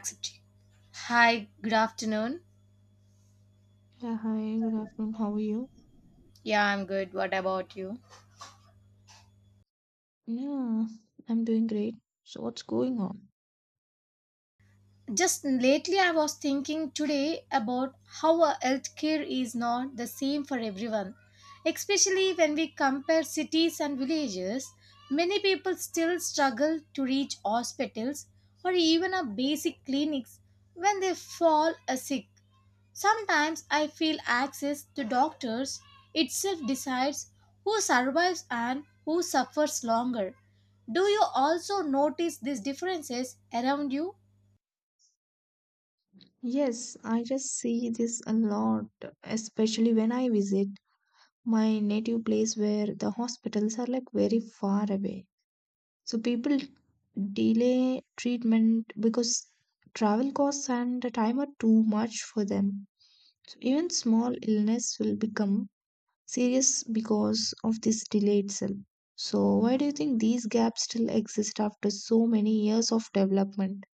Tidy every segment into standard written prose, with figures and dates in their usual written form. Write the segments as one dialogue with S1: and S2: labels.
S1: Accept Hi, good afternoon.
S2: Yeah, hi, good afternoon. How are you?
S1: Yeah, I'm good. What about you?
S2: Yeah, I'm doing great. So, what's going on?
S1: Just lately, I was thinking today about how our healthcare is not the same for everyone, especially when we compare cities and villages. Many people still struggle to reach hospitals or even a basic clinics when they fall a sick. Sometimes I feel access to doctors itself decides who survives and who suffers longer. Do you also notice these differences around you?
S2: Yes, I just see this a lot, especially when I visit my native place where the hospitals are like very far away. So, people delay treatment because travel costs and the time are too much for them. So, even small illness will become serious because of this delay itself. So, why do you think these gaps still exist after so many years of development?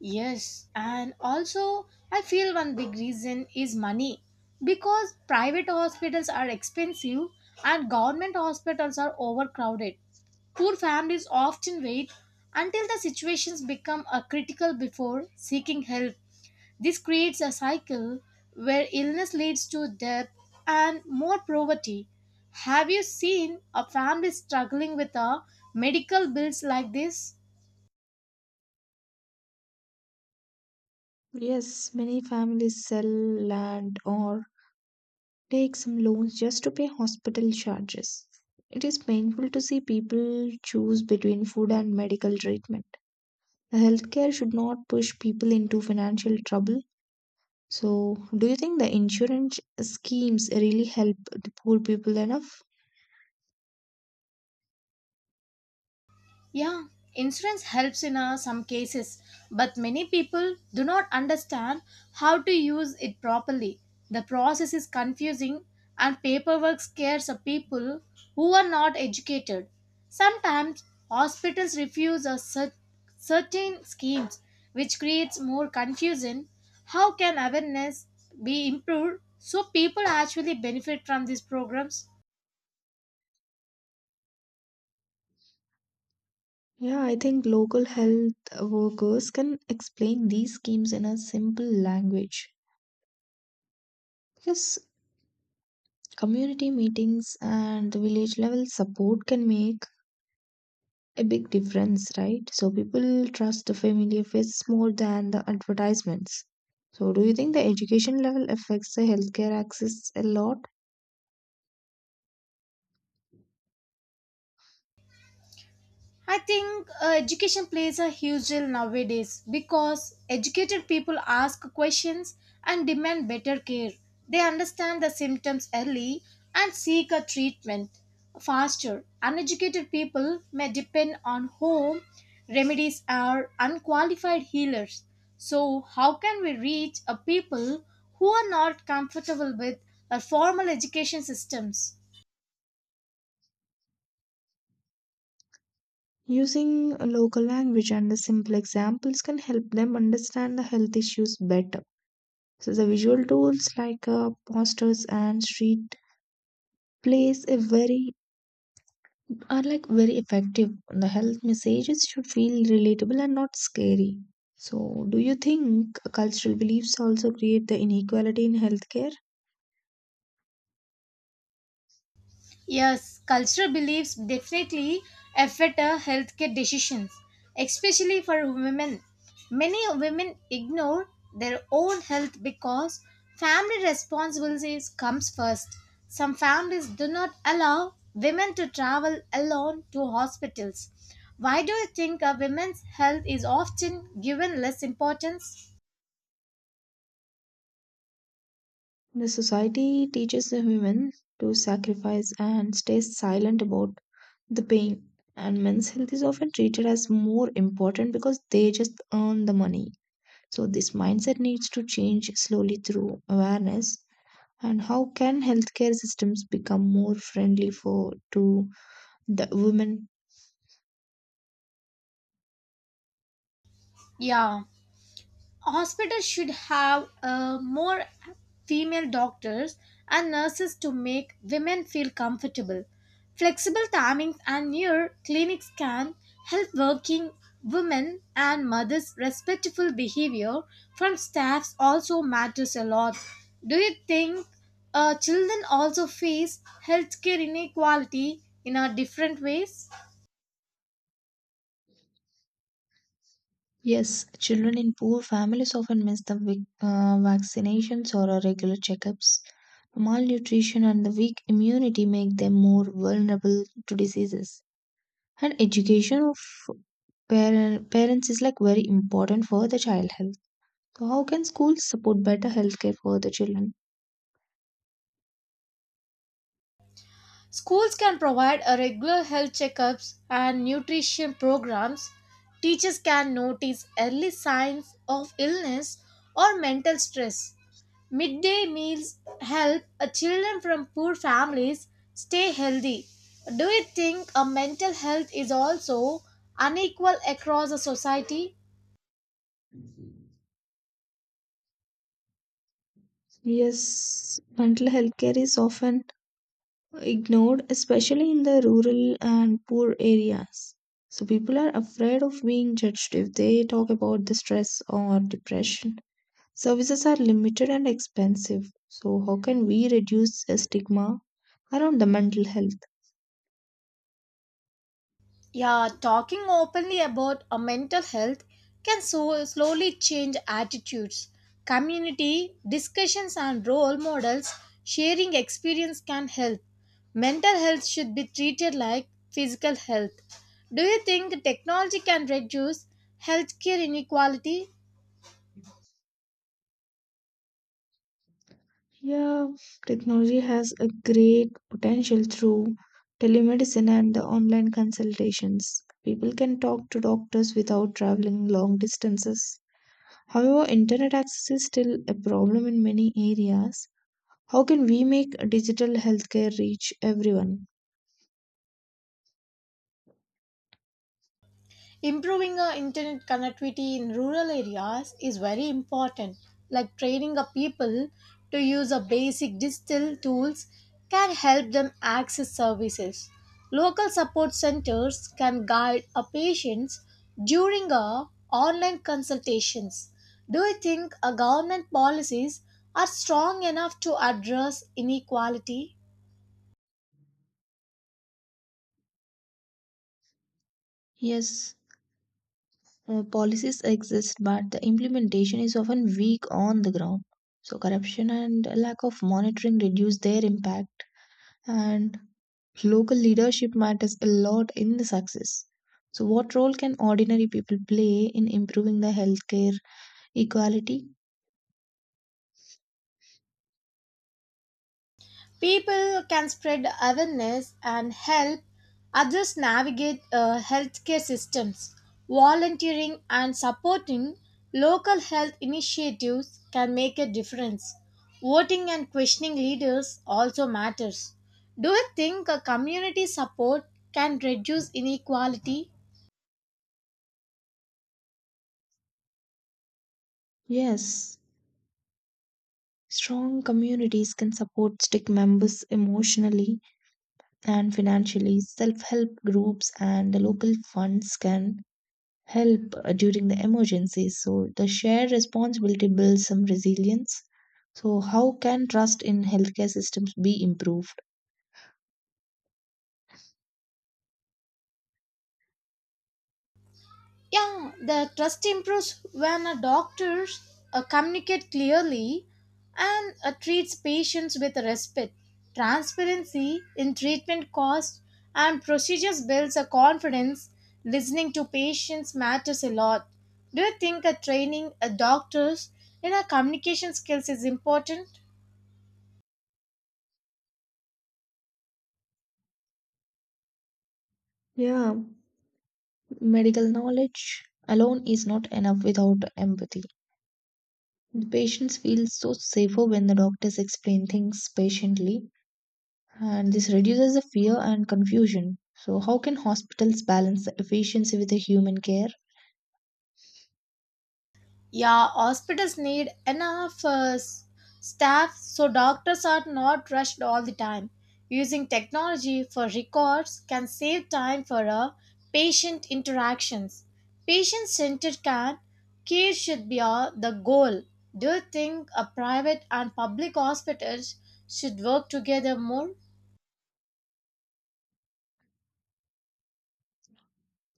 S1: Yes, and also I feel one big reason is money. Because private hospitals are expensive and government hospitals are overcrowded. Poor families often wait until the situations become a critical before seeking help. This creates a cycle where illness leads to death and more poverty. Have you seen a family struggling with a medical bills like this?
S2: Yes, many families sell land or take some loans just to pay hospital charges. It is painful to see people choose between food and medical treatment. The healthcare should not push people into financial trouble. So, do you think the insurance schemes really help the poor people enough?
S1: Yeah, insurance helps in some cases, but many people do not understand how to use it properly. The process is confusing and paperwork scares of people who are not educated. Sometimes hospitals certain schemes, which creates more confusion. How can awareness be improved so people actually benefit from these programs?
S2: Yeah, I think local health workers can explain these schemes in a simple language because community meetings and the village level support can make a big difference, right? So people trust the familiar face more than the advertisements. So, do you think the education level affects the healthcare access a lot?
S1: I think education plays a huge role nowadays because educated people ask questions and demand better care. They understand the symptoms early and seek a treatment faster. Uneducated people may depend on home remedies or unqualified healers. So, how can we reach a people who are not comfortable with a formal education systems?
S2: Using a local language and the simple examples can help them understand the health issues better. So the visual tools like posters and street plays a very are like very effective. The health messages should feel relatable and not scary. So, do you think cultural beliefs also create the inequality in healthcare?
S1: Yes, cultural beliefs definitely affect our healthcare decisions, especially for women. Many women ignore their own health because family responsibilities comes first. Some families do not allow women to travel alone to hospitals. Why do you think a women's health is often given less importance?
S2: The society teaches the women to sacrifice and stay silent about the pain, and men's health is often treated as more important because they just earn the money. So, this mindset needs to change slowly through awareness and how can healthcare systems become more friendly for to the women.
S1: Yeah, hospitals should have more female doctors and nurses to make women feel comfortable. Flexible timings and near clinics can help working women and mothers. Respectful behavior from staffs also matters a lot. Do you think children also face healthcare inequality in a different ways?
S2: Yes, children in poor families often miss the vaccinations or regular checkups. Malnutrition and the weak immunity make them more vulnerable to diseases, and education of parents is like very important for the child health. So how can schools support better healthcare for the children?
S1: Schools can provide a regular health checkups and nutrition programs. Teachers can notice early signs of illness or mental stress. Midday meals help children from poor families stay healthy. Do you think a mental health is also unequal across a society?
S2: Yes, mental health care is often ignored, especially in the rural and poor areas. So people are afraid of being judged if they talk about the stress or depression. Services are limited and expensive. So how can we reduce the stigma around the mental health?
S1: Yeah, talking openly about a mental health can so slowly change attitudes. Community discussions and role models, sharing experience can help. Mental health should be treated like physical health. Do you think technology can reduce healthcare inequality?
S2: Yeah, technology has a great potential through telemedicine and the online consultations. People can talk to doctors without traveling long distances. However, internet access is still a problem in many areas. How can we make digital healthcare reach everyone?
S1: Improving our internet connectivity in rural areas is very important. Like training a people to use a basic digital tools can help them access services. Local support centers can guide a patients during a online consultations. Do you think a government policies are strong enough to address inequality?
S2: Yes, policies exist, but the implementation is often weak on the ground. So, corruption and lack of monitoring reduce their impact, and local leadership matters a lot in the success. So, what role can ordinary people play in improving the healthcare equality?
S1: People can spread awareness and help others navigate healthcare systems. Volunteering and supporting local health initiatives can make a difference. Voting and questioning leaders also matters. Do you think a community support can reduce inequality?
S2: Yes, strong communities can support stick members emotionally and financially. Self help groups and the local funds can help during the emergencies. So, the shared responsibility builds some resilience. So, how can trust in healthcare systems be improved?
S1: Yeah, the trust improves when a doctors communicate clearly and treats patients with respect. Transparency in treatment costs and procedures builds a confidence. Listening to patients matters a lot. Do you think a training a doctors in a communication skills is important?
S2: Yeah, medical knowledge alone is not enough without empathy. The patients feel so safer when the doctors explain things patiently. And this reduces the fear and confusion. So, how can hospitals balance the efficiency with the human care?
S1: Yeah, hospitals need enough staff so doctors are not rushed all the time. Using technology for records can save time for patient interactions. Patient centered care should be the goal. Do you think a private and public hospitals should work together more?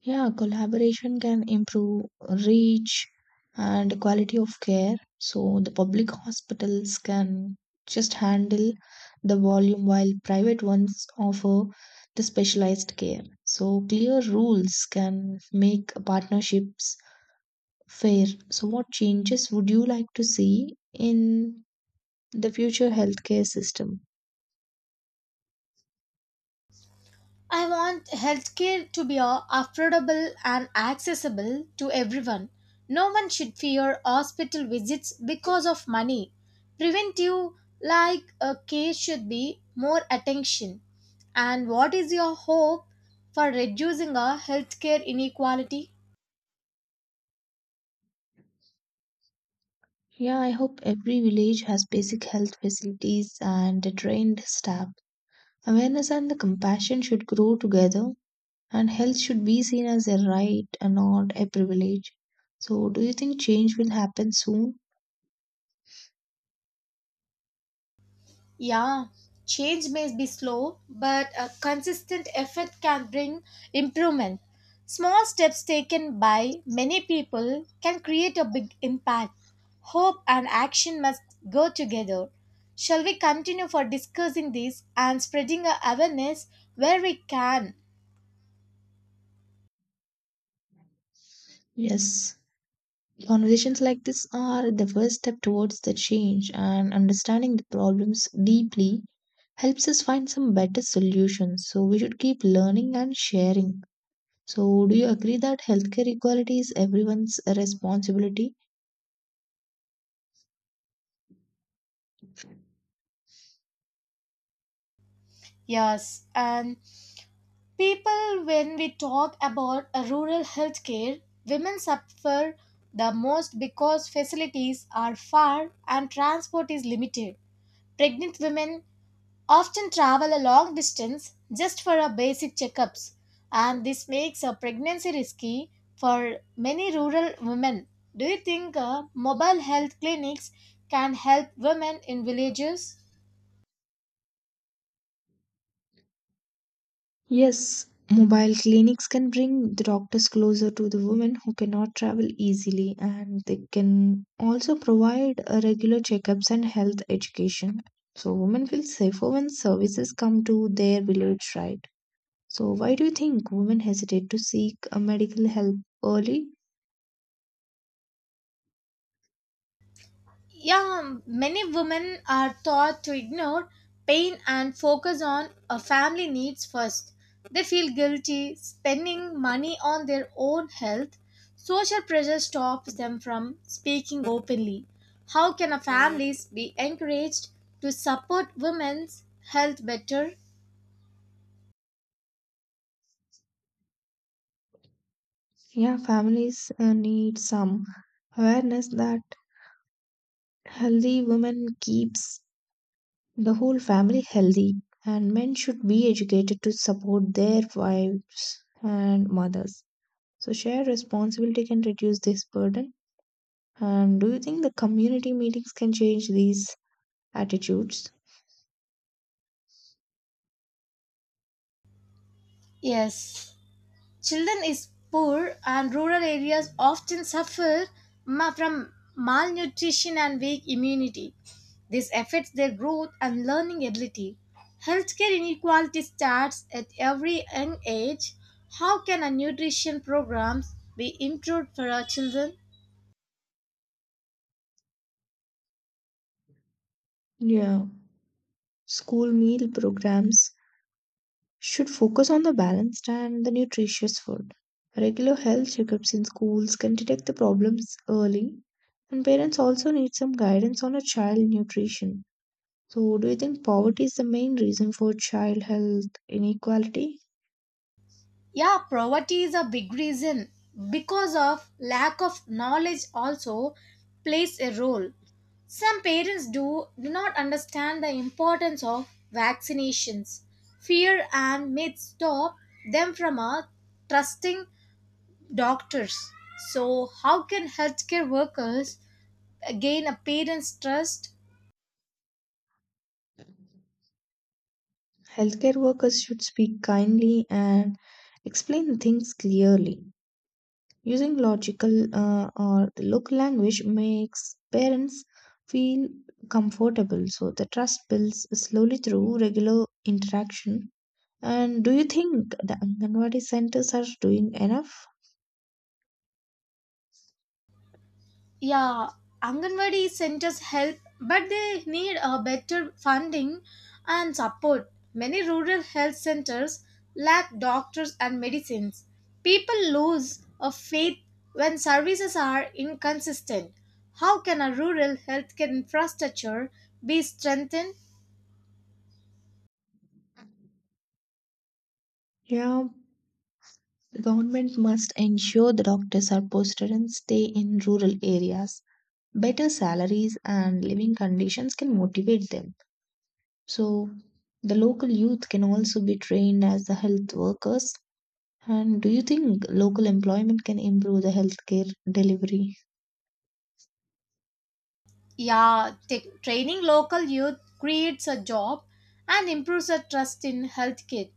S2: Yeah, collaboration can improve reach and quality of care. So, the public hospitals can just handle the volume while private ones offer the specialized care. So, clear rules can make partnerships fair. So, what changes would you like to see in the future healthcare system?
S1: I want healthcare to be affordable and accessible to everyone. No one should fear hospital visits because of money. Preventive like a care should be more attention. And what is your hope for reducing our healthcare inequality?
S2: Yeah, I hope every village has basic health facilities and a trained staff. Awareness and the compassion should grow together, and health should be seen as a right and not a privilege. So, do you think change will happen soon?
S1: Yeah, change may be slow, but a consistent effort can bring improvement. Small steps taken by many people can create a big impact. Hope and action must go together. Shall we continue for discussing this and spreading our awareness where we can?
S2: Yes. Conversations like this are the first step towards the change, and understanding the problems deeply helps us find some better solutions. So, we should keep learning and sharing. So, do you agree that healthcare equality is everyone's responsibility?
S1: Yes, and People, when we talk about a rural healthcare, women suffer the most because facilities are far and transport is limited. Pregnant women often travel a long distance just for a basic checkups, and this makes a pregnancy risky for many rural women. Do you think mobile health clinics can help women in villages?
S2: Yes, mobile clinics can bring the doctors closer to the women who cannot travel easily, and they can also provide regular checkups and health education. So, women feel safer when services come to their village, right? So, why do you think women hesitate to seek a medical help early?
S1: Yeah, many women are taught to ignore pain and focus on a family needs first. They feel guilty spending money on their own health. Social pressure stops them from speaking openly. How can a families be encouraged to support women's health better?
S2: Yeah, families need some awareness that healthy women keeps the whole family healthy, and men should be educated to support their wives and mothers. So shared responsibility can reduce this burden. And do you think the community meetings can change these attitudes?
S1: Yes. Children is poor and rural areas often suffer from malnutrition and weak immunity. This affects their growth and learning ability. Healthcare inequality starts at every young age. How can a nutrition programs be improved for our children?
S2: Yeah, school meal programs should focus on the balanced and the nutritious food. Regular health checkups in schools can detect the problems early, and parents also need some guidance on a child nutrition. So, do you think poverty is the main reason for child health inequality?
S1: Yeah, poverty is a big reason because of lack of knowledge also plays a role. Some parents do not understand the importance of vaccinations. Fear and myths stop them from trusting doctors. So, how can healthcare workers gain a parent's trust?
S2: Healthcare workers should speak kindly and explain things clearly. Using logical or the local language makes parents feel comfortable, so the trust builds slowly through regular interaction. And do you think the Anganwadi centers are doing enough?
S1: Yeah, Anganwadi centers help, but they need a better funding and support. Many rural health centers lack doctors and medicines. People lose a faith when services are inconsistent. How can a rural healthcare infrastructure be strengthened?
S2: Yeah, the government must ensure the doctors are posted and stay in rural areas. Better salaries and living conditions can motivate them. So, the local youth can also be trained as the health workers. And do you think local employment can improve the healthcare delivery?
S1: Yeah, training local youth creates a job and improves a trust in healthcare.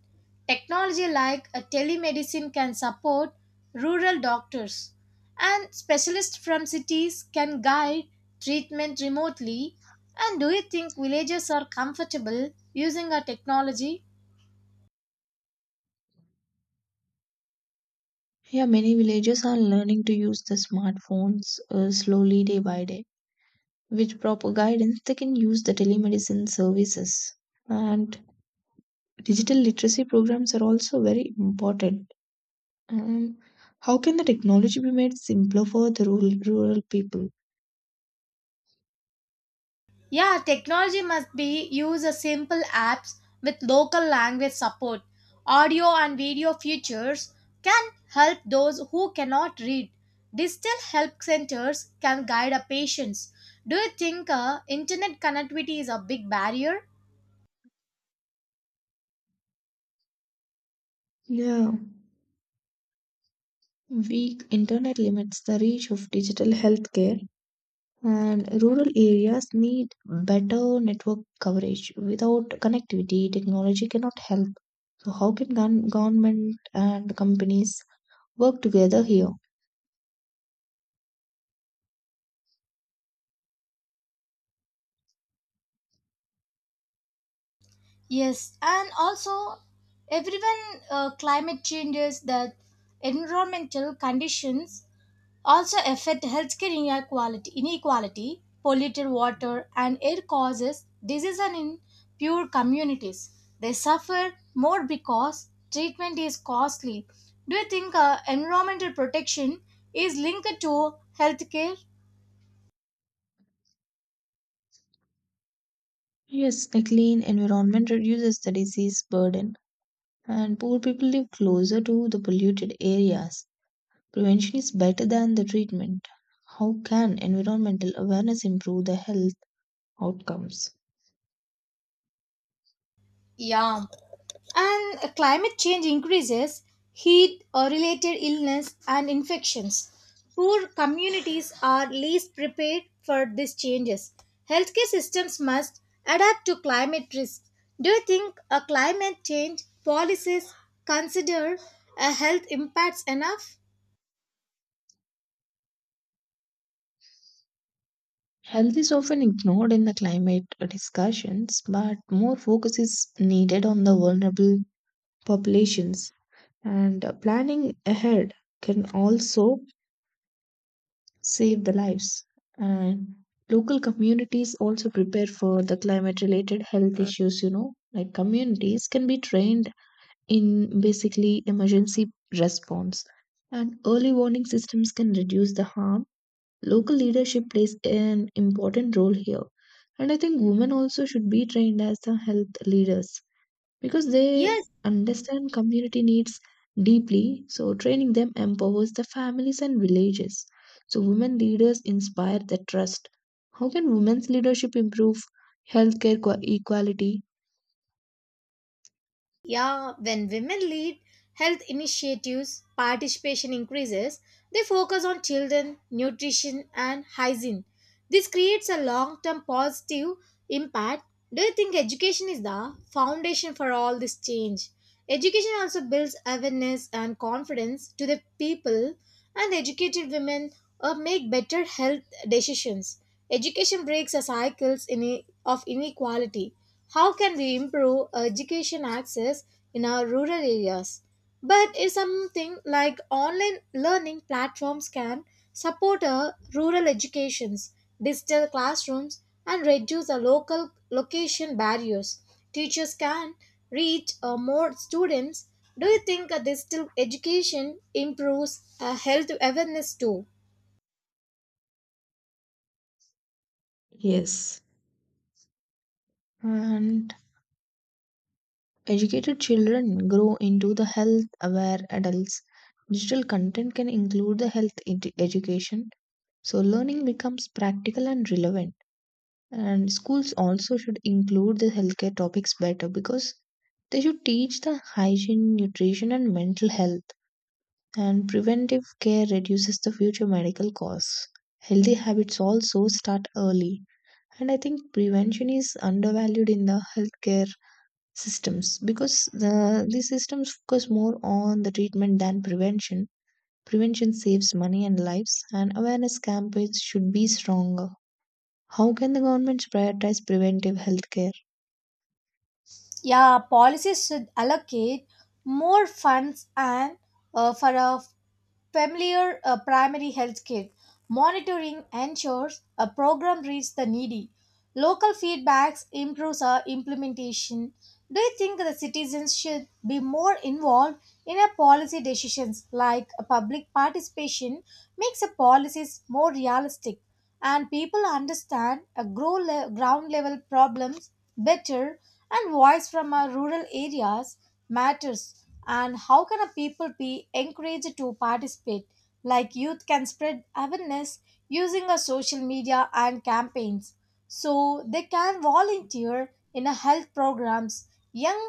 S1: Technology like a telemedicine can support rural doctors, and specialists from cities can guide treatment remotely. And do you think villagers are comfortable using our technology?
S2: Yeah, many villages are learning to use the smartphones slowly day by day. With proper guidance, they can use the telemedicine services. And digital literacy programs are also very important. And how can the technology be made simpler for the rural people?
S1: Yeah, technology must be used as simple apps with local language support. Audio and video features can help those who cannot read. Digital help centers can guide our patients. Do you think internet connectivity is a big barrier?
S2: Yeah, weak internet limits the reach of digital healthcare, and rural areas need better network coverage. Without connectivity, technology cannot help. So, how can government and companies work together here?
S1: Yes, and also everyone climate changes, the environmental conditions also affect healthcare inequality, polluted water and air causes disease and in poor communities. They suffer more because treatment is costly. Do you think environmental protection is linked to healthcare?
S2: Yes, a clean environment reduces the disease burden, and poor people live closer to the polluted areas. Prevention is better than the treatment. How can environmental awareness improve the health outcomes?
S1: Yeah. And climate change increases heat related illness and infections. Poor communities are least prepared for these changes. Healthcare systems must adapt to climate risks. Do you think a climate change policies consider a health impacts enough?
S2: Health is often ignored in the climate discussions, but more focus is needed on the vulnerable populations. And planning ahead can also save the lives. And local communities also prepare for the climate related health issues, you know, like communities can be trained in basically emergency response. And early warning systems can reduce the harm. Local leadership plays an important role here. And I think women also should be trained as the health leaders because they
S1: Yes.
S2: understand community needs deeply. So, training them empowers the families and villages. So, women leaders inspire the trust. How can women's leadership improve healthcare equality?
S1: Yeah, when women lead health initiatives, participation increases. They focus on children, nutrition, and hygiene. This creates a long term positive impact. Do you think education is the foundation for all this change? Education also builds awareness and confidence to the people, and educated women make better health decisions. Education breaks the cycles of inequality. How can we improve education access in our rural areas? But if something like online learning platforms can support our rural educations, digital classrooms, and reduce the local location barriers, teachers can reach more students. Do you think a digital education improves health awareness too?
S2: Yes. And educated children grow into the health aware adults. Digital content can include the health education, so learning becomes practical and relevant. And schools also should include the healthcare topics better because they should teach the hygiene, nutrition, and mental health. And preventive care reduces the future medical costs. Healthy habits also start early. And I think prevention is undervalued in the healthcare systems because these systems focus more on the treatment than prevention. Prevention saves money and lives, and awareness campaigns should be stronger. How can the government prioritize preventive healthcare?
S1: Yeah, policies should allocate more funds and for a familiar primary health care. Monitoring ensures a program reaches the needy. Local feedbacks improves our implementation. Do you think the citizens should be more involved in our policy decisions like a public participation makes the policies more realistic? And people understand a ground level problems better, and voice from our rural areas matters. And how can a people be encouraged to participate? Like youth can spread awareness using a social media and campaigns, so they can volunteer in a health programs. Young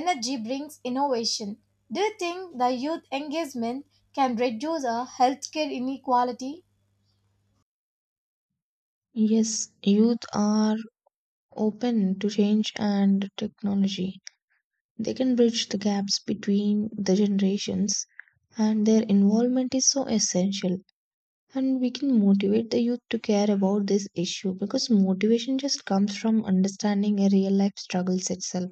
S1: energy brings innovation. Do you think the youth engagement can reduce a healthcare inequality?
S2: Yes, youth are open to change and technology. They can bridge the gaps between the generations, and their involvement is so essential. And we can motivate the youth to care about this issue because motivation just comes from understanding a real life struggles itself.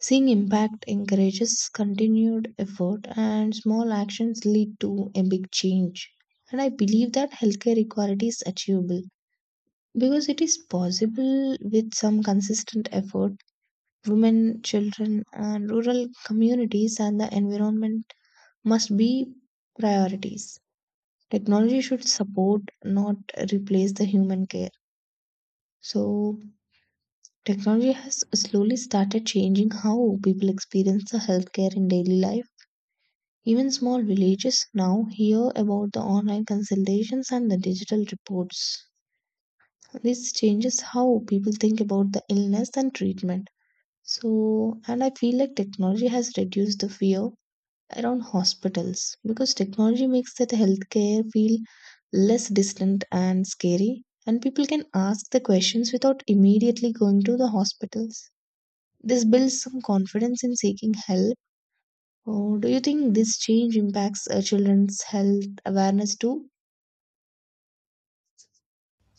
S2: Seeing impact encourages continued effort, and small actions lead to a big change. And I believe that healthcare equality is achievable because it is possible with some consistent effort. Women, children, and rural communities and the environment must be priorities. Technology should support, not replace the human care. So, technology has slowly started changing how people experience the healthcare in daily life. Even small villages now hear about the online consultations and the digital reports. This changes how people think about the illness and treatment. So, and I feel like technology has reduced the fear around hospitals because technology makes that healthcare feel less distant and scary, and people can ask the questions without immediately going to the hospitals. This builds some confidence in seeking help. Or do you think this change impacts children's health awareness too?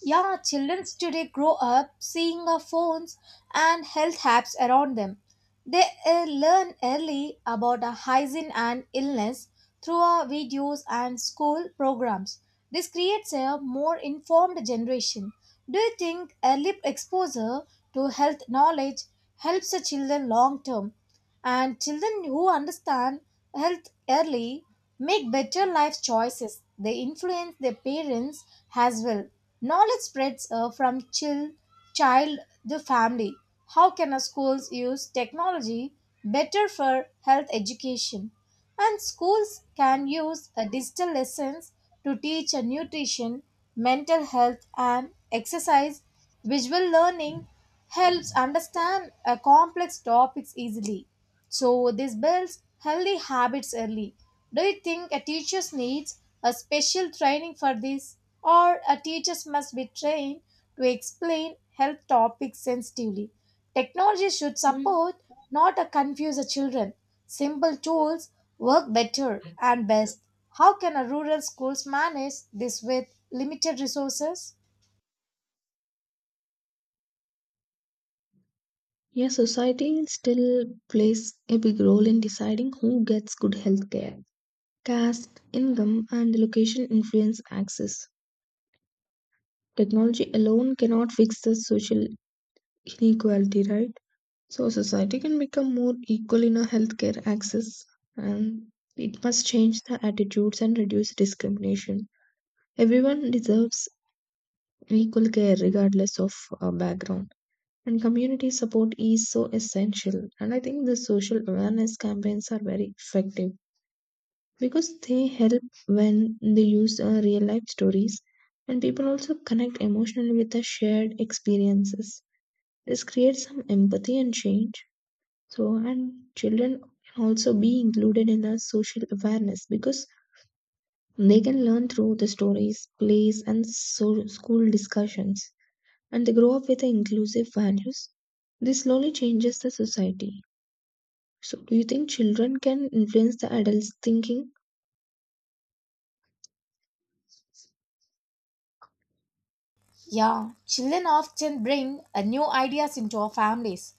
S1: Yeah, children today grow up seeing our phones and health apps around them. They learn early about our hygiene and illness through our videos and school programs. This creates a more informed generation. Do you think early exposure to health knowledge helps the children long term? And children who understand health early make better life choices. They influence their parents as well. Knowledge spreads from child to family. How can our schools use technology better for health education? And schools can use a digital lessons to teach a nutrition, mental health, and exercise. Visual learning helps understand complex topics easily. So, this builds healthy habits early. Do you think a teacher needs a special training for this, or a teacher must be trained to explain health topics sensitively? Technology should
S2: Mm.
S1: support, not confuse the children. Simple tools work better and best. How can a rural schools manage this with limited resources?
S2: Yeah, society still plays a big role in deciding who gets good health care. Caste, income, and location influence access. Technology alone cannot fix the social inequality, right? So society can become more equal in a healthcare access, and it must change the attitudes and reduce discrimination. Everyone deserves equal care regardless of background. And community support is so essential. And I think the social awareness campaigns are very effective because they help when they use real life stories, and people also connect emotionally with the shared experiences. This creates some empathy and change. So, and children can also be included in the social awareness because they can learn through the stories, plays, and so school discussions, and they grow up with the inclusive values. This slowly changes the society. So, do you think children can influence the adults' thinking?
S1: Yeah, children often bring new ideas into our families.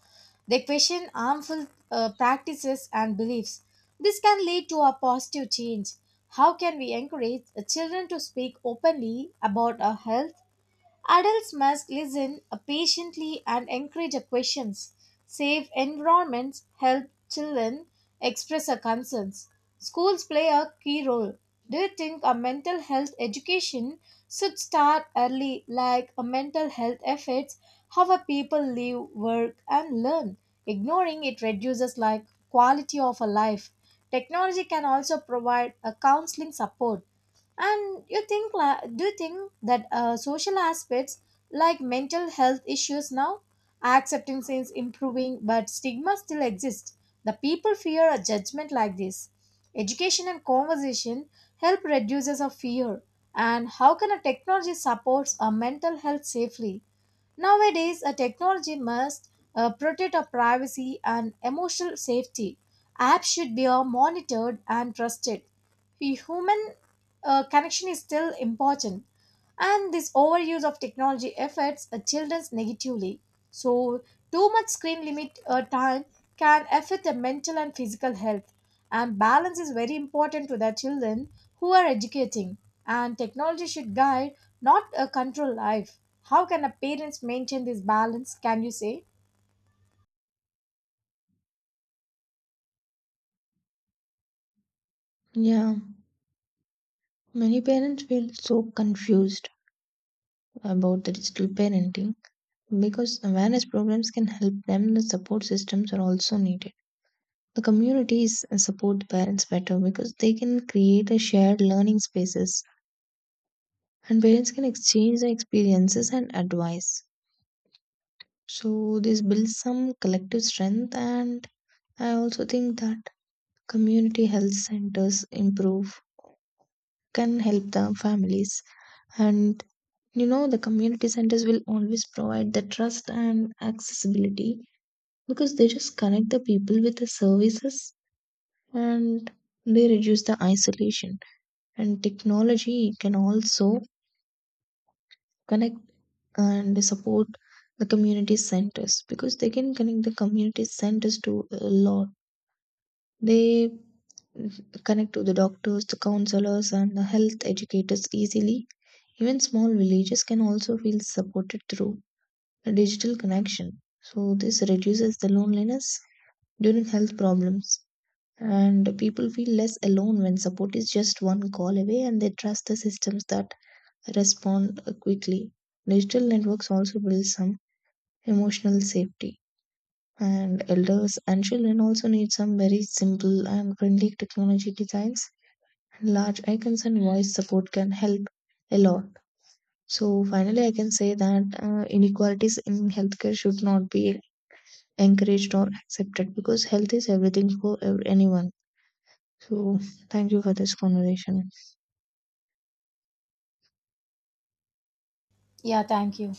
S1: They question harmful practices and beliefs. This can lead to a positive change. How can we encourage children to speak openly about our health? Adults must listen patiently and encourage questions. Safe environments help children express their concerns. Schools play a key role. Do you think a mental health education should start early, like a mental health efforts, how a people live, work, and learn? Ignoring it reduces like quality of a life. Technology can also provide a counseling support. And you think, do you think that social aspects like mental health issues now, acceptance is improving, but stigma still exists. The people fear a judgment like this. Education and conversation help reduces a fear. And how can a technology supports a mental health safely? Nowadays, a technology must protect our privacy and emotional safety. Apps should be monitored and trusted. The human connection is still important, and this overuse of technology affects children negatively. So, too much screen limit time can affect their mental and physical health, and balance is very important to the children who are educating. And technology should guide, not control life. How can a parents maintain this balance? Can you say?
S2: Yeah, many parents feel so confused about the digital parenting because awareness programs can help them. The support systems are also needed. The communities support the parents better because they can create a shared learning spaces, and parents can exchange their experiences and advice. So this builds some collective strength. And I also think that community health centers improve can help the families, and you know the community centers will always provide the trust and accessibility because they just connect the people with the services, and they reduce the isolation. And technology can also connect and support the community centers because they can connect the community centers to a lot. They connect to the doctors, the counselors, and the health educators easily. Even small villages can also feel supported through a digital connection. So this reduces the loneliness during health problems, and people feel less alone when support is just one call away, and they trust the systems that respond quickly. Digital networks also build some emotional safety. And elders and children also need some very simple and friendly technology designs. Large icons and voice support can help a lot. So, finally, I can say that inequalities in healthcare should not be encouraged or accepted because health is everything for anyone. So, thank you for this conversation.
S1: Yeah, thank you.